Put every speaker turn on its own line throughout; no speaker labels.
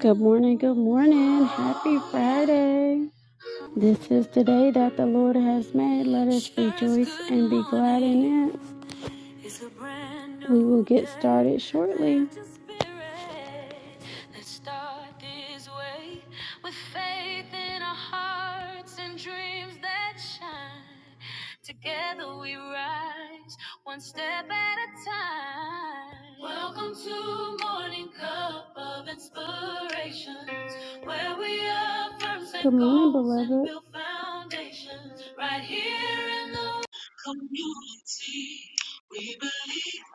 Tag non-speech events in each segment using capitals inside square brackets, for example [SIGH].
Good morning, good morning. Happy Friday. This is the day that the Lord has made. Let us rejoice and be glad in it.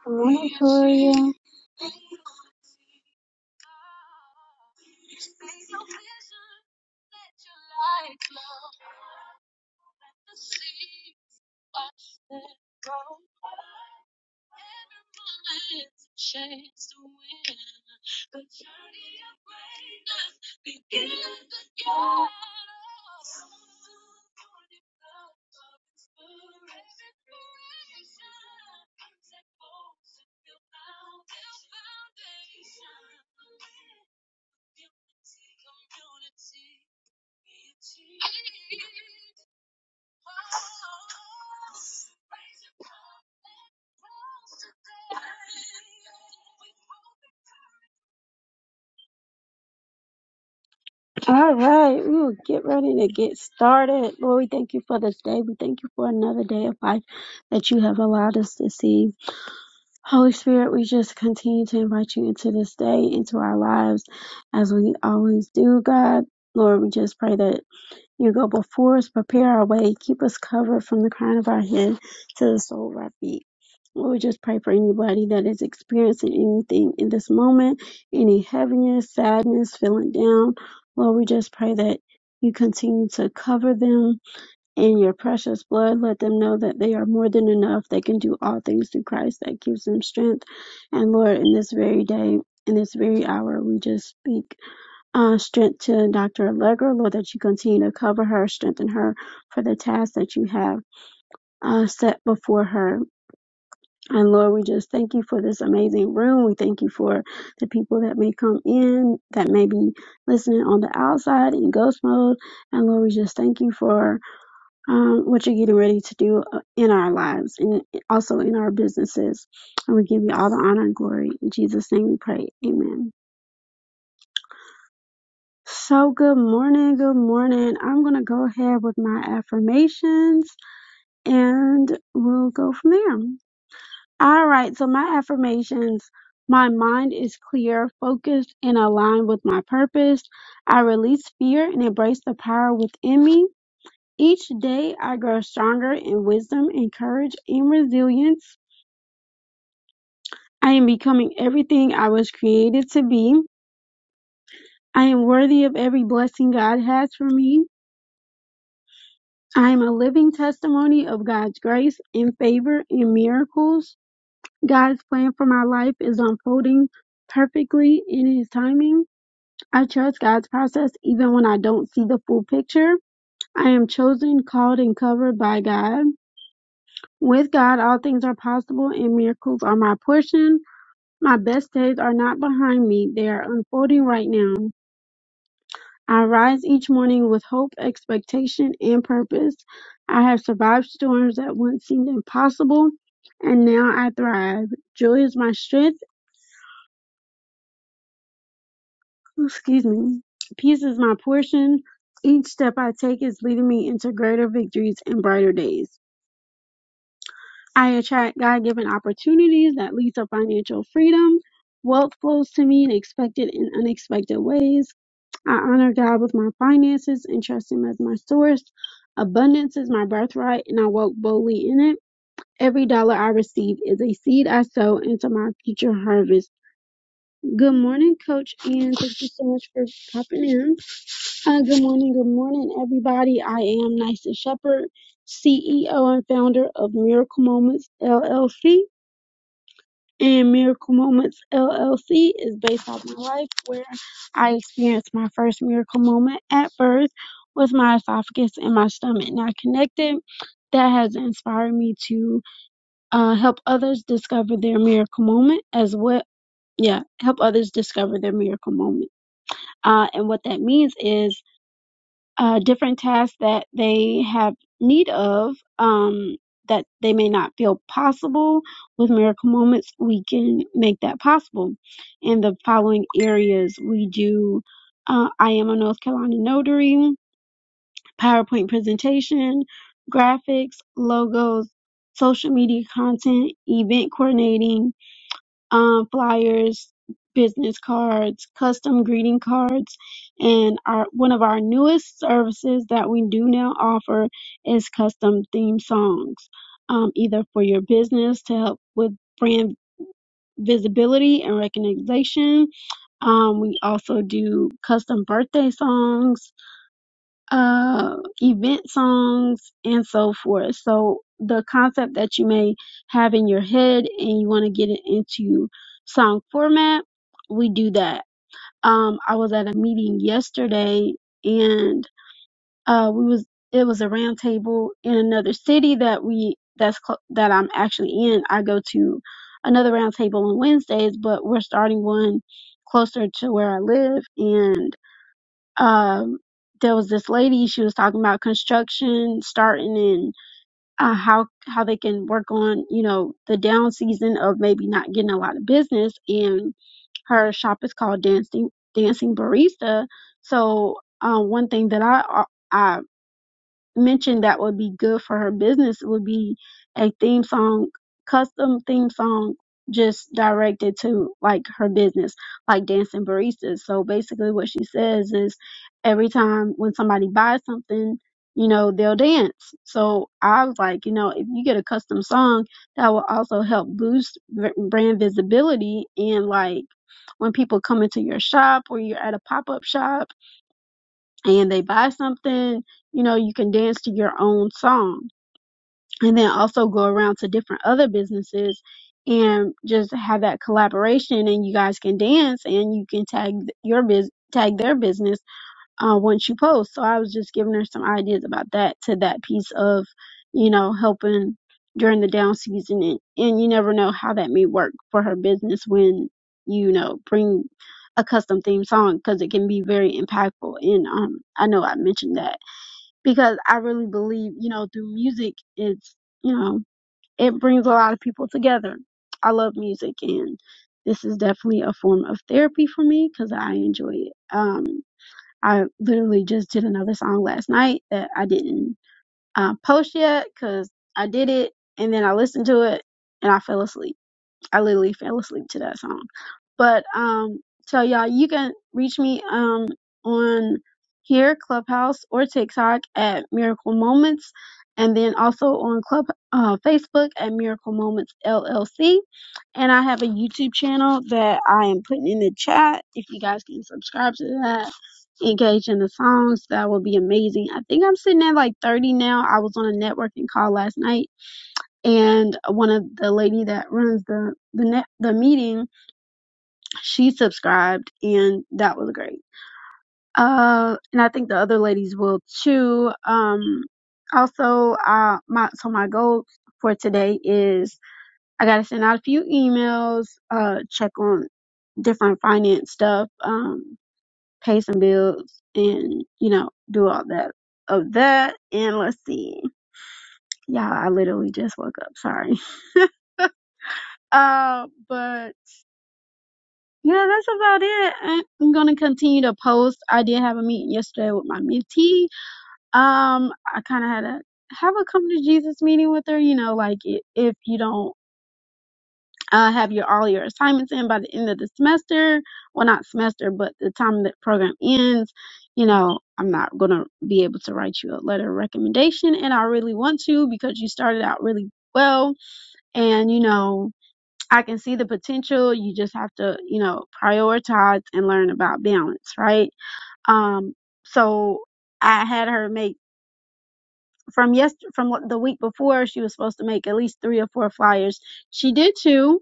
Good All right, we will get ready to get started. Lord, we thank you for this day. We thank you for another day of life that you have allowed us to see. Holy Spirit, we just continue to invite you into this day, into our lives, as we always do, God. Lord, we just pray that. You go before us, prepare our way, keep us covered from the crown of our head to the sole of our feet. Lord, we just pray for anybody that is experiencing anything in this moment, any heaviness, sadness, feeling down. Lord, we just pray that you continue to cover them in your precious blood. Let them know that they are more than enough. They can do all things through Christ that gives them strength. And Lord, in this very day, in this very hour, we just speak. Uh, strength to Dr. Allegra, Lord, that you continue to cover her, strengthen her for the task that you have uh, set before her. And Lord, we just thank you for this amazing room. We thank you for the people that may come in, that may be listening on the outside in ghost mode. And Lord, we just thank you for um, what you're getting ready to do uh, in our lives and also in our businesses. And we give you all the honor and glory. In Jesus' name we pray. Amen. So, good morning. Good morning. I'm going to go ahead with my affirmations and we'll go from there. All right. So, my affirmations my mind is clear, focused, and aligned with my purpose. I release fear and embrace the power within me. Each day, I grow stronger in wisdom and courage and resilience. I am becoming everything I was created to be. I am worthy of every blessing God has for me. I am a living testimony of God's grace and favor and miracles. God's plan for my life is unfolding perfectly in His timing. I trust God's process even when I don't see the full picture. I am chosen, called, and covered by God. With God, all things are possible and miracles are my portion. My best days are not behind me, they are unfolding right now. I rise each morning with hope, expectation, and purpose. I have survived storms that once seemed impossible, and now I thrive. Joy is my strength. Excuse me. Peace is my portion. Each step I take is leading me into greater victories and brighter days. I attract God given opportunities that lead to financial freedom. Wealth flows to me in expected and unexpected ways. I honor God with my finances and trust Him as my source. Abundance is my birthright, and I walk boldly in it. Every dollar I receive is a seed I sow into my future harvest. Good morning, Coach, and thank you so much for popping in. Uh, good morning, good morning, everybody. I am Nysa Shepherd, CEO and founder of Miracle Moments LLC and Miracle Moments LLC is based off my life where I experienced my first miracle moment at birth with my esophagus and my stomach not connected. That has inspired me to uh, help others discover their miracle moment as well. Yeah, help others discover their miracle moment. Uh, and what that means is uh, different tasks that they have need of um, that they may not feel possible. With Miracle Moments, we can make that possible. In the following areas, we do uh, I am a North Carolina notary, PowerPoint presentation, graphics, logos, social media content, event coordinating um, flyers, business cards, custom greeting cards, and our one of our newest services that we do now offer is custom theme songs, um, either for your business to help with brand visibility and recognition. Um, we also do custom birthday songs uh, event songs and so forth. So the concept that you may have in your head and you want to get it into song format, we do that. Um, I was at a meeting yesterday and uh, we was it was a round table in another city that we that's cl- that I'm actually in. I go to another round table on Wednesdays, but we're starting one closer to where I live and um there was this lady she was talking about construction starting and uh, how how they can work on you know the down season of maybe not getting a lot of business and her shop is called dancing dancing barista so um one thing that i i mentioned that would be good for her business would be a theme song, custom theme song, just directed to like her business, like dancing baristas. So basically, what she says is every time when somebody buys something, you know, they'll dance. So I was like, you know, if you get a custom song, that will also help boost v- brand visibility and like when people come into your shop or you're at a pop up shop and they buy something, you know, you can dance to your own song. And then also go around to different other businesses and just have that collaboration and you guys can dance and you can tag your biz tag their business uh, once you post. So I was just giving her some ideas about that to that piece of, you know, helping during the down season. And, and you never know how that may work for her business when, you know, bring a custom theme song because it can be very impactful. And um, I know I mentioned that because I really believe, you know, through music, it's, you know, it brings a lot of people together. I love music and this is definitely a form of therapy for me because I enjoy it. Um, I literally just did another song last night that I didn't uh, post yet because I did it and then I listened to it and I fell asleep. I literally fell asleep to that song. But um, so y'all, you can reach me um on here, Clubhouse or TikTok at Miracle Moments, and then also on Club uh, Facebook at Miracle Moments LLC. And I have a YouTube channel that I am putting in the chat. If you guys can subscribe to that, engage in the songs, that would be amazing. I think I'm sitting at like 30 now. I was on a networking call last night, and one of the lady that runs the the net the meeting she subscribed and that was great. Uh, and I think the other ladies will too. Um, also, uh, my, so my goal for today is I gotta send out a few emails, uh, check on different finance stuff, um, pay some bills and, you know, do all that of that. And let's see. Yeah, I literally just woke up. Sorry. [LAUGHS] Uh, but Yeah, that's about it. I- I'm gonna continue to post. I did have a meeting yesterday with my mentee. Um, I kind of had a have a come to Jesus meeting with her. You know, like i- if you don't uh, have your all your assignments in by the end of the semester, well, not semester, but the time that program ends, you know, I'm not gonna be able to write you a letter of recommendation, and I really want to because you started out really well, and you know. I can see the potential. You just have to, you know, prioritize and learn about balance, right? Um, so I had her make from yesterday, from what- the week before, she was supposed to make at least three or four flyers. She did two.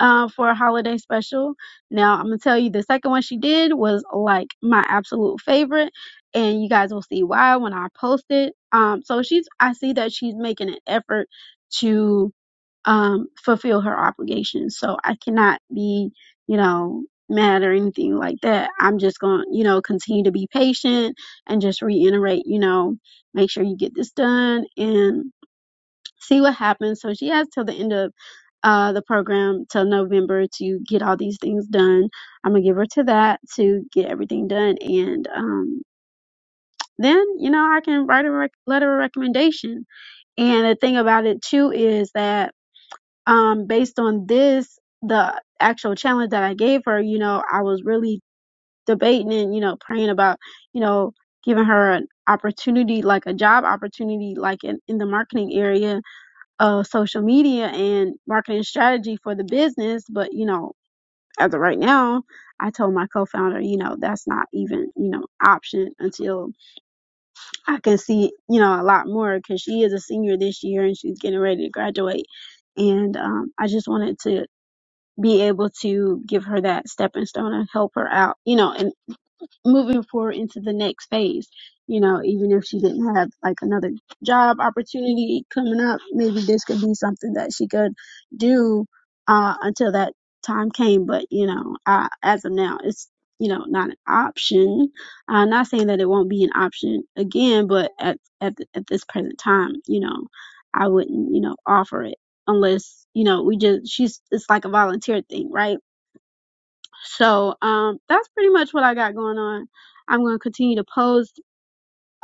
Uh, for a holiday special. Now I'm gonna tell you the second one she did was like my absolute favorite, and you guys will see why when I post it. Um, so she's I see that she's making an effort to um, fulfill her obligations. So I cannot be, you know, mad or anything like that. I'm just going, to you know, continue to be patient and just reiterate, you know, make sure you get this done and see what happens. So she has till the end of uh, the program till November to get all these things done. I'm gonna give her to that to get everything done, and um, then you know I can write a rec- letter of recommendation. And the thing about it too is that um based on this the actual challenge that i gave her you know i was really debating and you know praying about you know giving her an opportunity like a job opportunity like in, in the marketing area of social media and marketing strategy for the business but you know as of right now i told my co-founder you know that's not even you know option until i can see you know a lot more because she is a senior this year and she's getting ready to graduate and um, i just wanted to be able to give her that stepping stone and help her out, you know, and moving forward into the next phase. You know, even if she didn't have like another job opportunity coming up, maybe this could be something that she could do uh, until that time came. But you know, uh, as of now, it's you know not an option. Uh, not saying that it won't be an option again, but at at th- at this present time, you know, I wouldn't you know offer it unless you know we just she's it's like a volunteer thing, right? So um, that's pretty much what I got going on. I'm going to continue to post,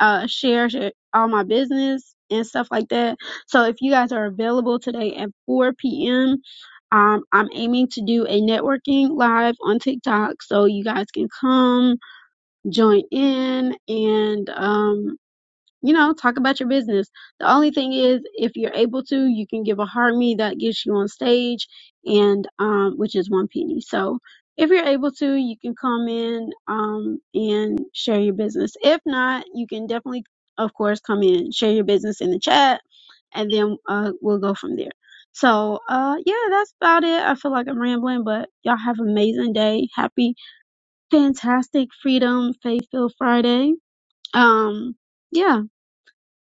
uh, share, share all my business and stuff like that. So if you guys are available today at 4 p.m., um, I'm aiming to do a networking live on TikTok. So you guys can come join in and um, you know, talk about your business. The only thing is, if you're able to, you can give a hard me that gets you on stage, and um, which is one penny. So if you're able to, you can come in um, and share your business. If not, you can definitely, of course, come in, share your business in the chat, and then uh, we'll go from there. So uh, yeah, that's about it. I feel like I'm rambling, but y'all have an amazing day. Happy, fantastic, freedom, faith filled Friday. Um, yeah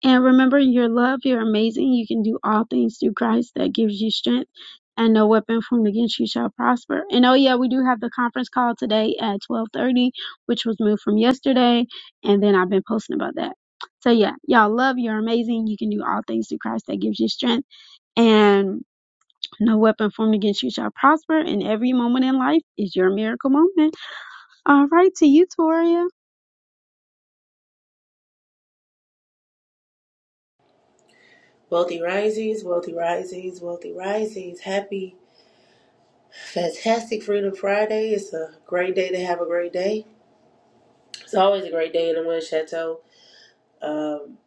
and remember, your love, you're amazing. You can do all things through Christ that gives you strength, and no weapon formed against you shall prosper. And oh yeah, we do have the conference call today at 12:30, which was moved from yesterday, and then I've been posting about that. So yeah, y'all love, you're amazing. You can do all things through Christ that gives you strength, and no weapon formed against you shall prosper. And every moment in life is your miracle moment. All right, to you, Toria.
Wealthy Risings, Wealthy Risings, Wealthy Risings. Happy, fantastic Freedom Friday. It's a great day to have a great day. It's always a great day in the Wind Chateau. Um,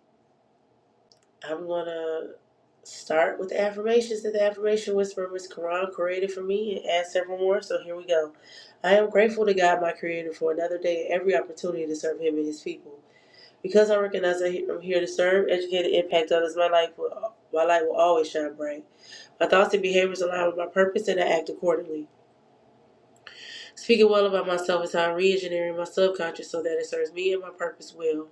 I'm going to start with the affirmations that the affirmation whisperer, Miss Quran, created for me and add several more. So here we go. I am grateful to God, my creator, for another day and every opportunity to serve him and his people. Because I recognize that I'm here to serve, educate, and impact others, my life will, my light will always shine bright. My thoughts and behaviors align with my purpose and I act accordingly. Speaking well about myself is how I'm re engineering my subconscious so that it serves me and my purpose well.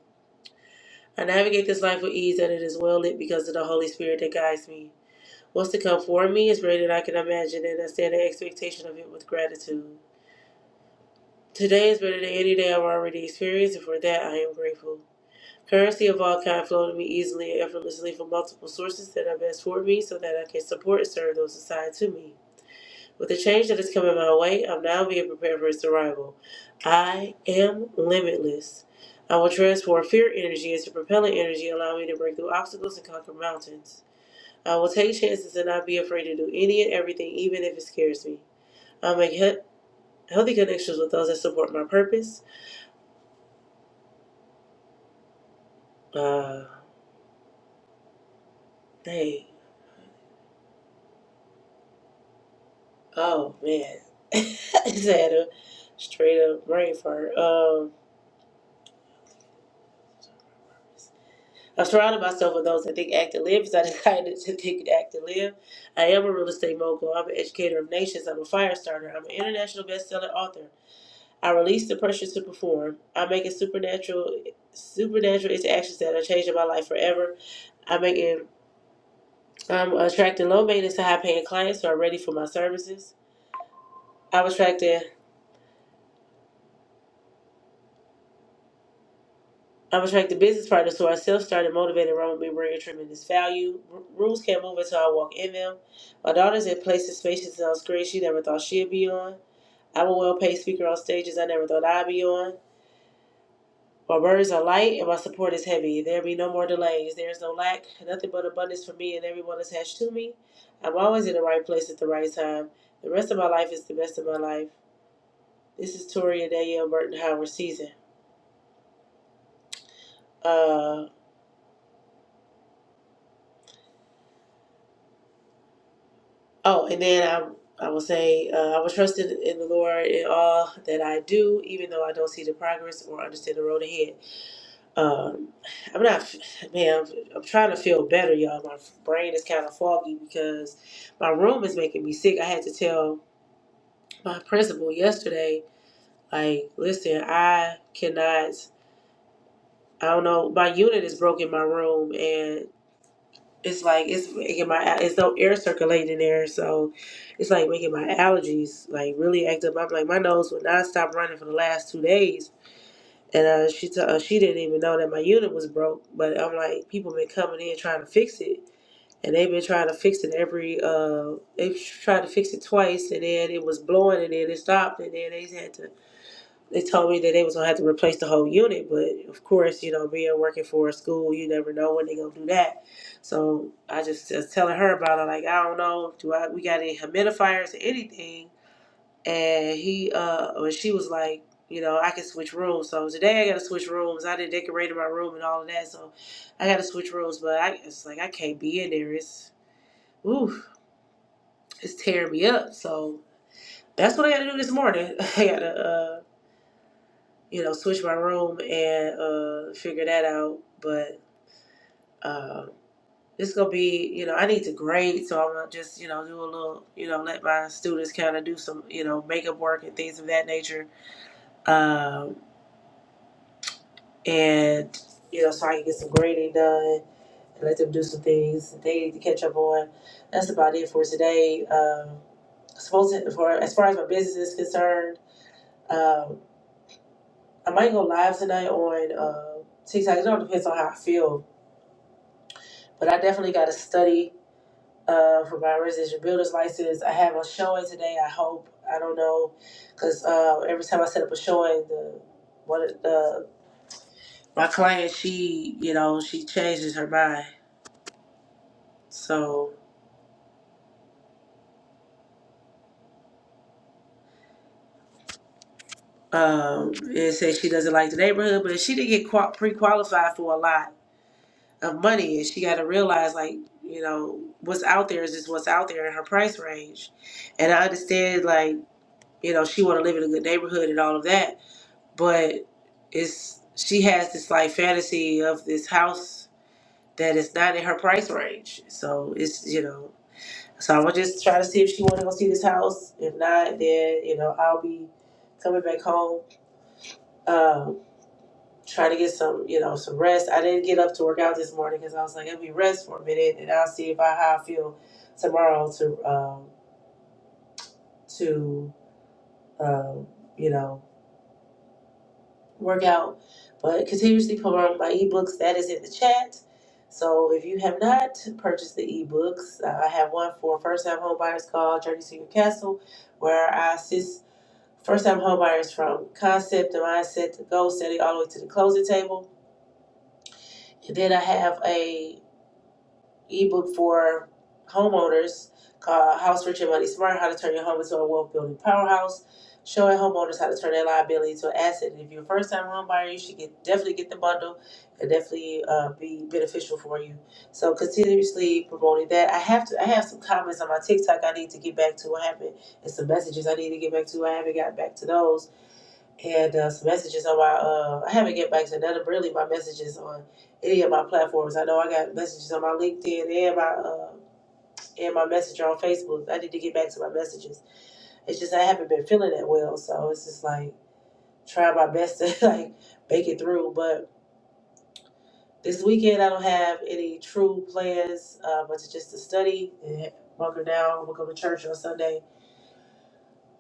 I navigate this life with ease and it is well lit because of the Holy Spirit that guides me. What's to come for me is greater than I can imagine and I stand in expectation of it with gratitude. Today is better than any day I've already experienced and for that I am grateful. Currency of all kind flow to me easily and effortlessly from multiple sources that are best for me so that I can support and serve those assigned to me. With the change that is coming my way, I'm now being prepared for its arrival. I am limitless. I will transform fear energy into propelling energy, allowing me to break through obstacles and conquer mountains. I will take chances and not be afraid to do any and everything, even if it scares me. I'll make he- healthy connections with those that support my purpose. Uh, hey, oh man, [LAUGHS] I just had a straight up brain fart. Um, I surrounded myself with those that think, act, and live because I decided [LAUGHS] to think, act, and live. I am a real estate mogul. I'm an educator of nations. I'm a fire starter. I'm an international best-selling author. I release the pressure to perform. I'm making supernatural, supernatural interactions that are changing my life forever. I'm making, I'm attracting low maintenance to high-paying clients who are ready for my services. I'm attracting i am attracted business partners who are self-started, motivated, run with me, bring tremendous value. R- rules can't move until I walk in them. My daughter's in places, spaces, and on screens she never thought she'd be on. I'm a well-paid speaker on stages I never thought I'd be on. My burdens are light and my support is heavy. There be no more delays. There is no lack, nothing but abundance for me and everyone attached to me. I'm always in the right place at the right time. The rest of my life is the best of my life. This is Tori and Danielle Burton Howard season. Uh. Oh, and then I, I will say, uh, I will trust in, in the Lord in all that I do, even though I don't see the progress or understand the road ahead. Um, I'm not, man, I'm, I'm trying to feel better, y'all. My brain is kind of foggy because my room is making me sick. I had to tell my principal yesterday, like, listen, I cannot, I don't know, my unit is broken, in my room, and. it's like it's making my it's no air circulating there, so it's like making my allergies like really act up. I'm like my nose would not stop running for the last two days, and uh, she t- uh, she didn't even know that my unit was broke. But I'm like people been coming in trying to fix it, and they've been trying to fix it every uh they tried to fix it twice, and then it was blowing, and then it stopped, and then they had to they told me that they was gonna have to replace the whole unit, but of course, you know, being working for a school, you never know when they gonna do that. So I just was telling her about it, like I don't know, do I we got any humidifiers or anything? And he uh or she was like, you know, I can switch rooms. So today I gotta switch rooms. I didn't decorate my room and all of that, so I gotta switch rooms. But I it's like I can't be in there. It's ooh, it's tearing me up. So that's what I gotta do this morning. [LAUGHS] I gotta. uh you know, switch my room and uh, figure that out. But uh, it's gonna be, you know, I need to grade, so I'm gonna just, you know, do a little, you know, let my students kind of do some, you know, makeup work and things of that nature, um, and you know, so I can get some grading done and let them do some things that they need to catch up on. That's about it for today. Um, supposed to, for as far as my business is concerned, um, I might go live tonight on uh, TikTok. It all depends on how I feel but I definitely got to study uh, for my residential builder's license. I have a showing today. I hope I don't know because uh, every time I set up a showing, the one of the my client she you know she changes her mind. So um, it says she doesn't like the neighborhood, but she did get qua pre qualified for a lot of money, and she got to realize like you know what's out there is just what's out there in her price range. And I understand like you know she want to live in a good neighborhood and all of that, but it's she has this like fantasy of this house that is not in her price range. So it's you know, so I'm gonna just try to see if she want to go see this house. If not, then you know I'll be coming back home, um, trying to get some you know some rest. I didn't get up to work out this morning because I was like, let me rest for a minute, and I'll see if I how I feel tomorrow to um, to um, you know. workout. But continuously promote my ebooks. That is in the chat. So if you have not purchased the ebooks, uh, I have one for first-time homebuyers called Journey to Your Castle, where I assist first-time homebuyers from concept to mindset to goal setting all the way to the closing table. And then I have a ebook for homeowners called House Rich and Money Smart How to Turn Your Home into a Wealth Building Powerhouse, showing homeowners how to turn their liability into an asset. And if you're a first time home buyer, you should get definitely get the bundle and definitely uh, be beneficial for you. So continuously promoting that. I have to I have some comments on my TikTok I need to get back to. I haven't and some messages I need to get back to. I haven't gotten back to those and uh, some messages on my. Uh, I haven't get back to none of really my messages on any of my platforms. I know I got messages on my LinkedIn and my uh, and my messenger on Facebook. I need to get back to my messages. It's just I haven't been feeling that well, so it's just like trying my best to [LAUGHS] like make it through. But this weekend I don't have any true plans, uh, but to just to study and bunker down. We'll go to church on Sunday.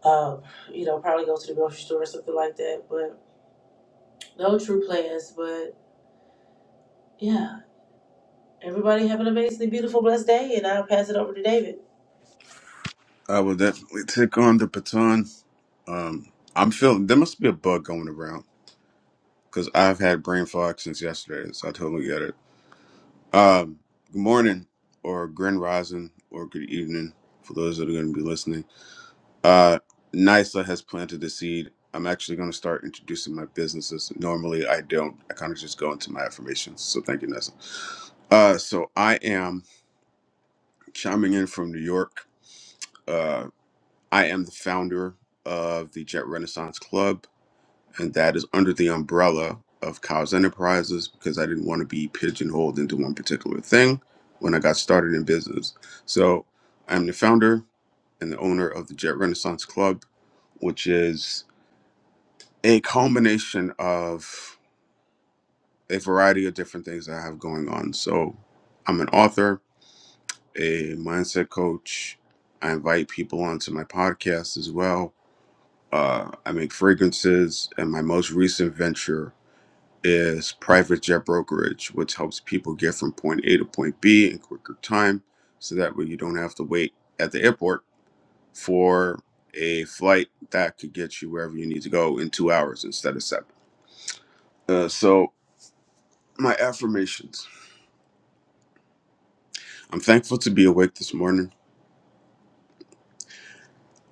Um, you know, probably go to the grocery store or something like that. But no true plans. But yeah. Everybody have an amazingly beautiful, blessed day, and I'll pass it over to David.
I will definitely take on the baton. Um, I'm feeling there must be a bug going around because I've had brain fog since yesterday, so I totally get it. Um, good morning, or grand rising, or good evening for those that are going to be listening. Uh, NISA has planted the seed. I'm actually going to start introducing my businesses. Normally, I don't. I kind of just go into my affirmations. So thank you, Nessa. Uh, so I am chiming in from New York. Uh, I am the founder of the Jet Renaissance Club. and that is under the umbrella of Cows Enterprises because I didn't want to be pigeonholed into one particular thing when I got started in business. So I'm the founder and the owner of the Jet Renaissance Club, which is a culmination of a variety of different things that I have going on. So I'm an author, a mindset coach. I invite people onto my podcast as well. Uh, I make fragrances, and my most recent venture is private jet brokerage, which helps people get from point A to point B in quicker time. So that way you don't have to wait at the airport for a flight that could get you wherever you need to go in two hours instead of seven. Uh, so, my affirmations I'm thankful to be awake this morning.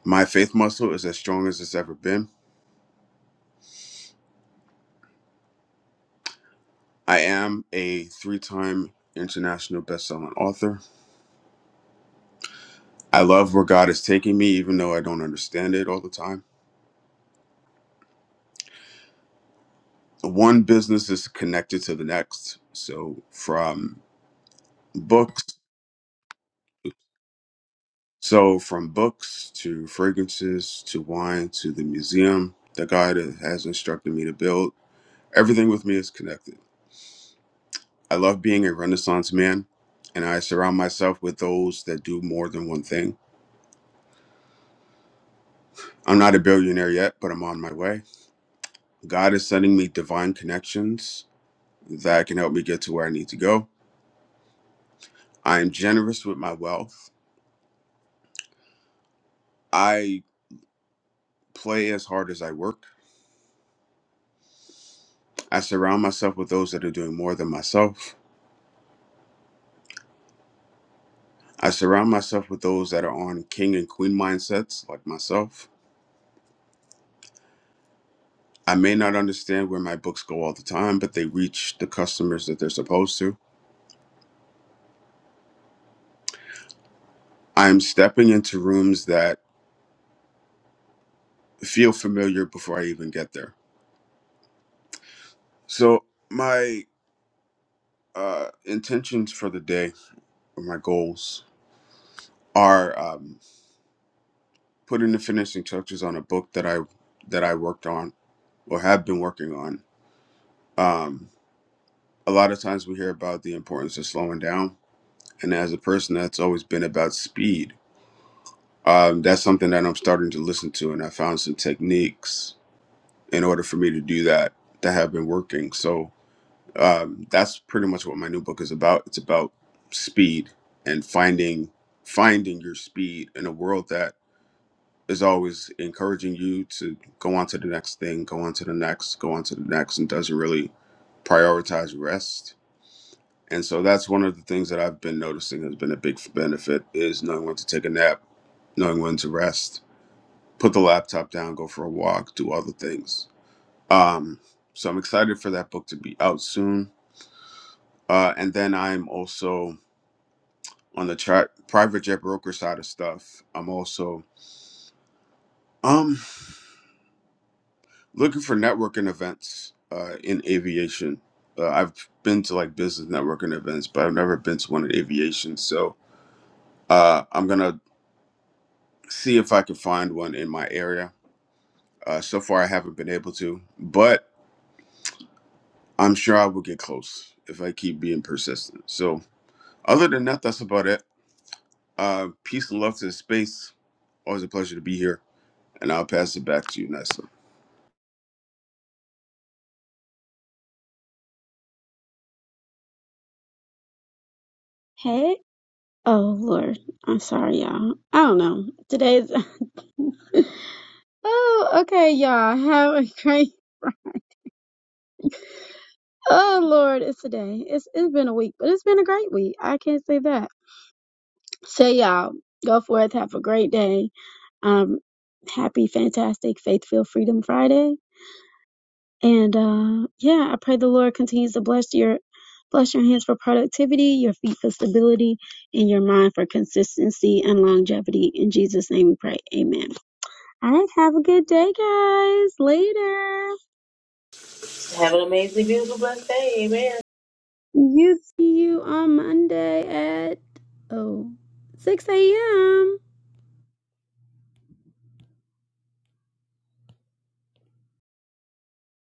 My faith muscle is as strong as it's ever been. I am a three time international best-selling author. I love where God is taking me, even though I don't understand it all the time. one business is connected to the next. So from books, so from books to fragrances to wine to the museum, the guy has instructed me to build, everything with me is connected. I love being a Renaissance man, and I surround myself with those that do more than one thing. I'm not a billionaire yet, but I'm on my way. God is sending me divine connections that can help me get to where I need to go. I am generous with my wealth. I play as hard as I work. I surround myself with those that are doing more than myself. I surround myself with those that are on king and queen mindsets, like myself. I may not understand where my books go all the time, but they reach the customers that they're supposed to. I'm stepping into rooms that feel familiar before I even get there. So, my uh, intentions for the day, or my goals, are um, putting the finishing touches on a book that I that I worked on or have been working on. Um, a lot of times we hear about the importance of slowing down and as a person that's always been about speed um, that's something that i'm starting to listen to and i found some techniques in order for me to do that that have been working so um, that's pretty much what my new book is about it's about speed and finding finding your speed in a world that is always encouraging you to go on to the next thing go on to the next go on to the next and doesn't really prioritize rest And so that's one of the things that I've been noticing has been a big benefit is knowing when to take a nap, knowing when to rest, put the laptop down, go for a walk, do other things. Um, so I'm excited for that book to be out soon. Uh, and then I'm also on the tri- private jet broker side of stuff. I'm also um, looking for networking events uh, in aviation. Uh, I've been to like business networking events, but I've never been to one in aviation. So uh, I'm gonna see if I can find one in my area. Uh, so far, I haven't been able to, but I'm sure I will get close if I keep being persistent. So, other than that, that's about it. Uh, peace and love to the space. Always a pleasure to be here, and I'll pass it back to you, Nessa.
Hey. Oh Lord, I'm sorry, y'all. I don't know. Today's [LAUGHS] oh okay, y'all. Have a great. [LAUGHS] Oh Lord, it's today. It's it's been a week, but it's been a great week. I can't say that. So y'all, go forth. Have a great day. Um, happy, fantastic, Faith faithful Freedom Friday. And uh, yeah, I pray the Lord continues to bless your bless your hands for productivity, your feet for stability, and your mind for consistency and longevity. In Jesus' name, we pray. Amen. All right, have a good day, guys. Later.
Have an amazingly beautiful, blessed day. Amen.
You see you on Monday at oh, 6 a.m.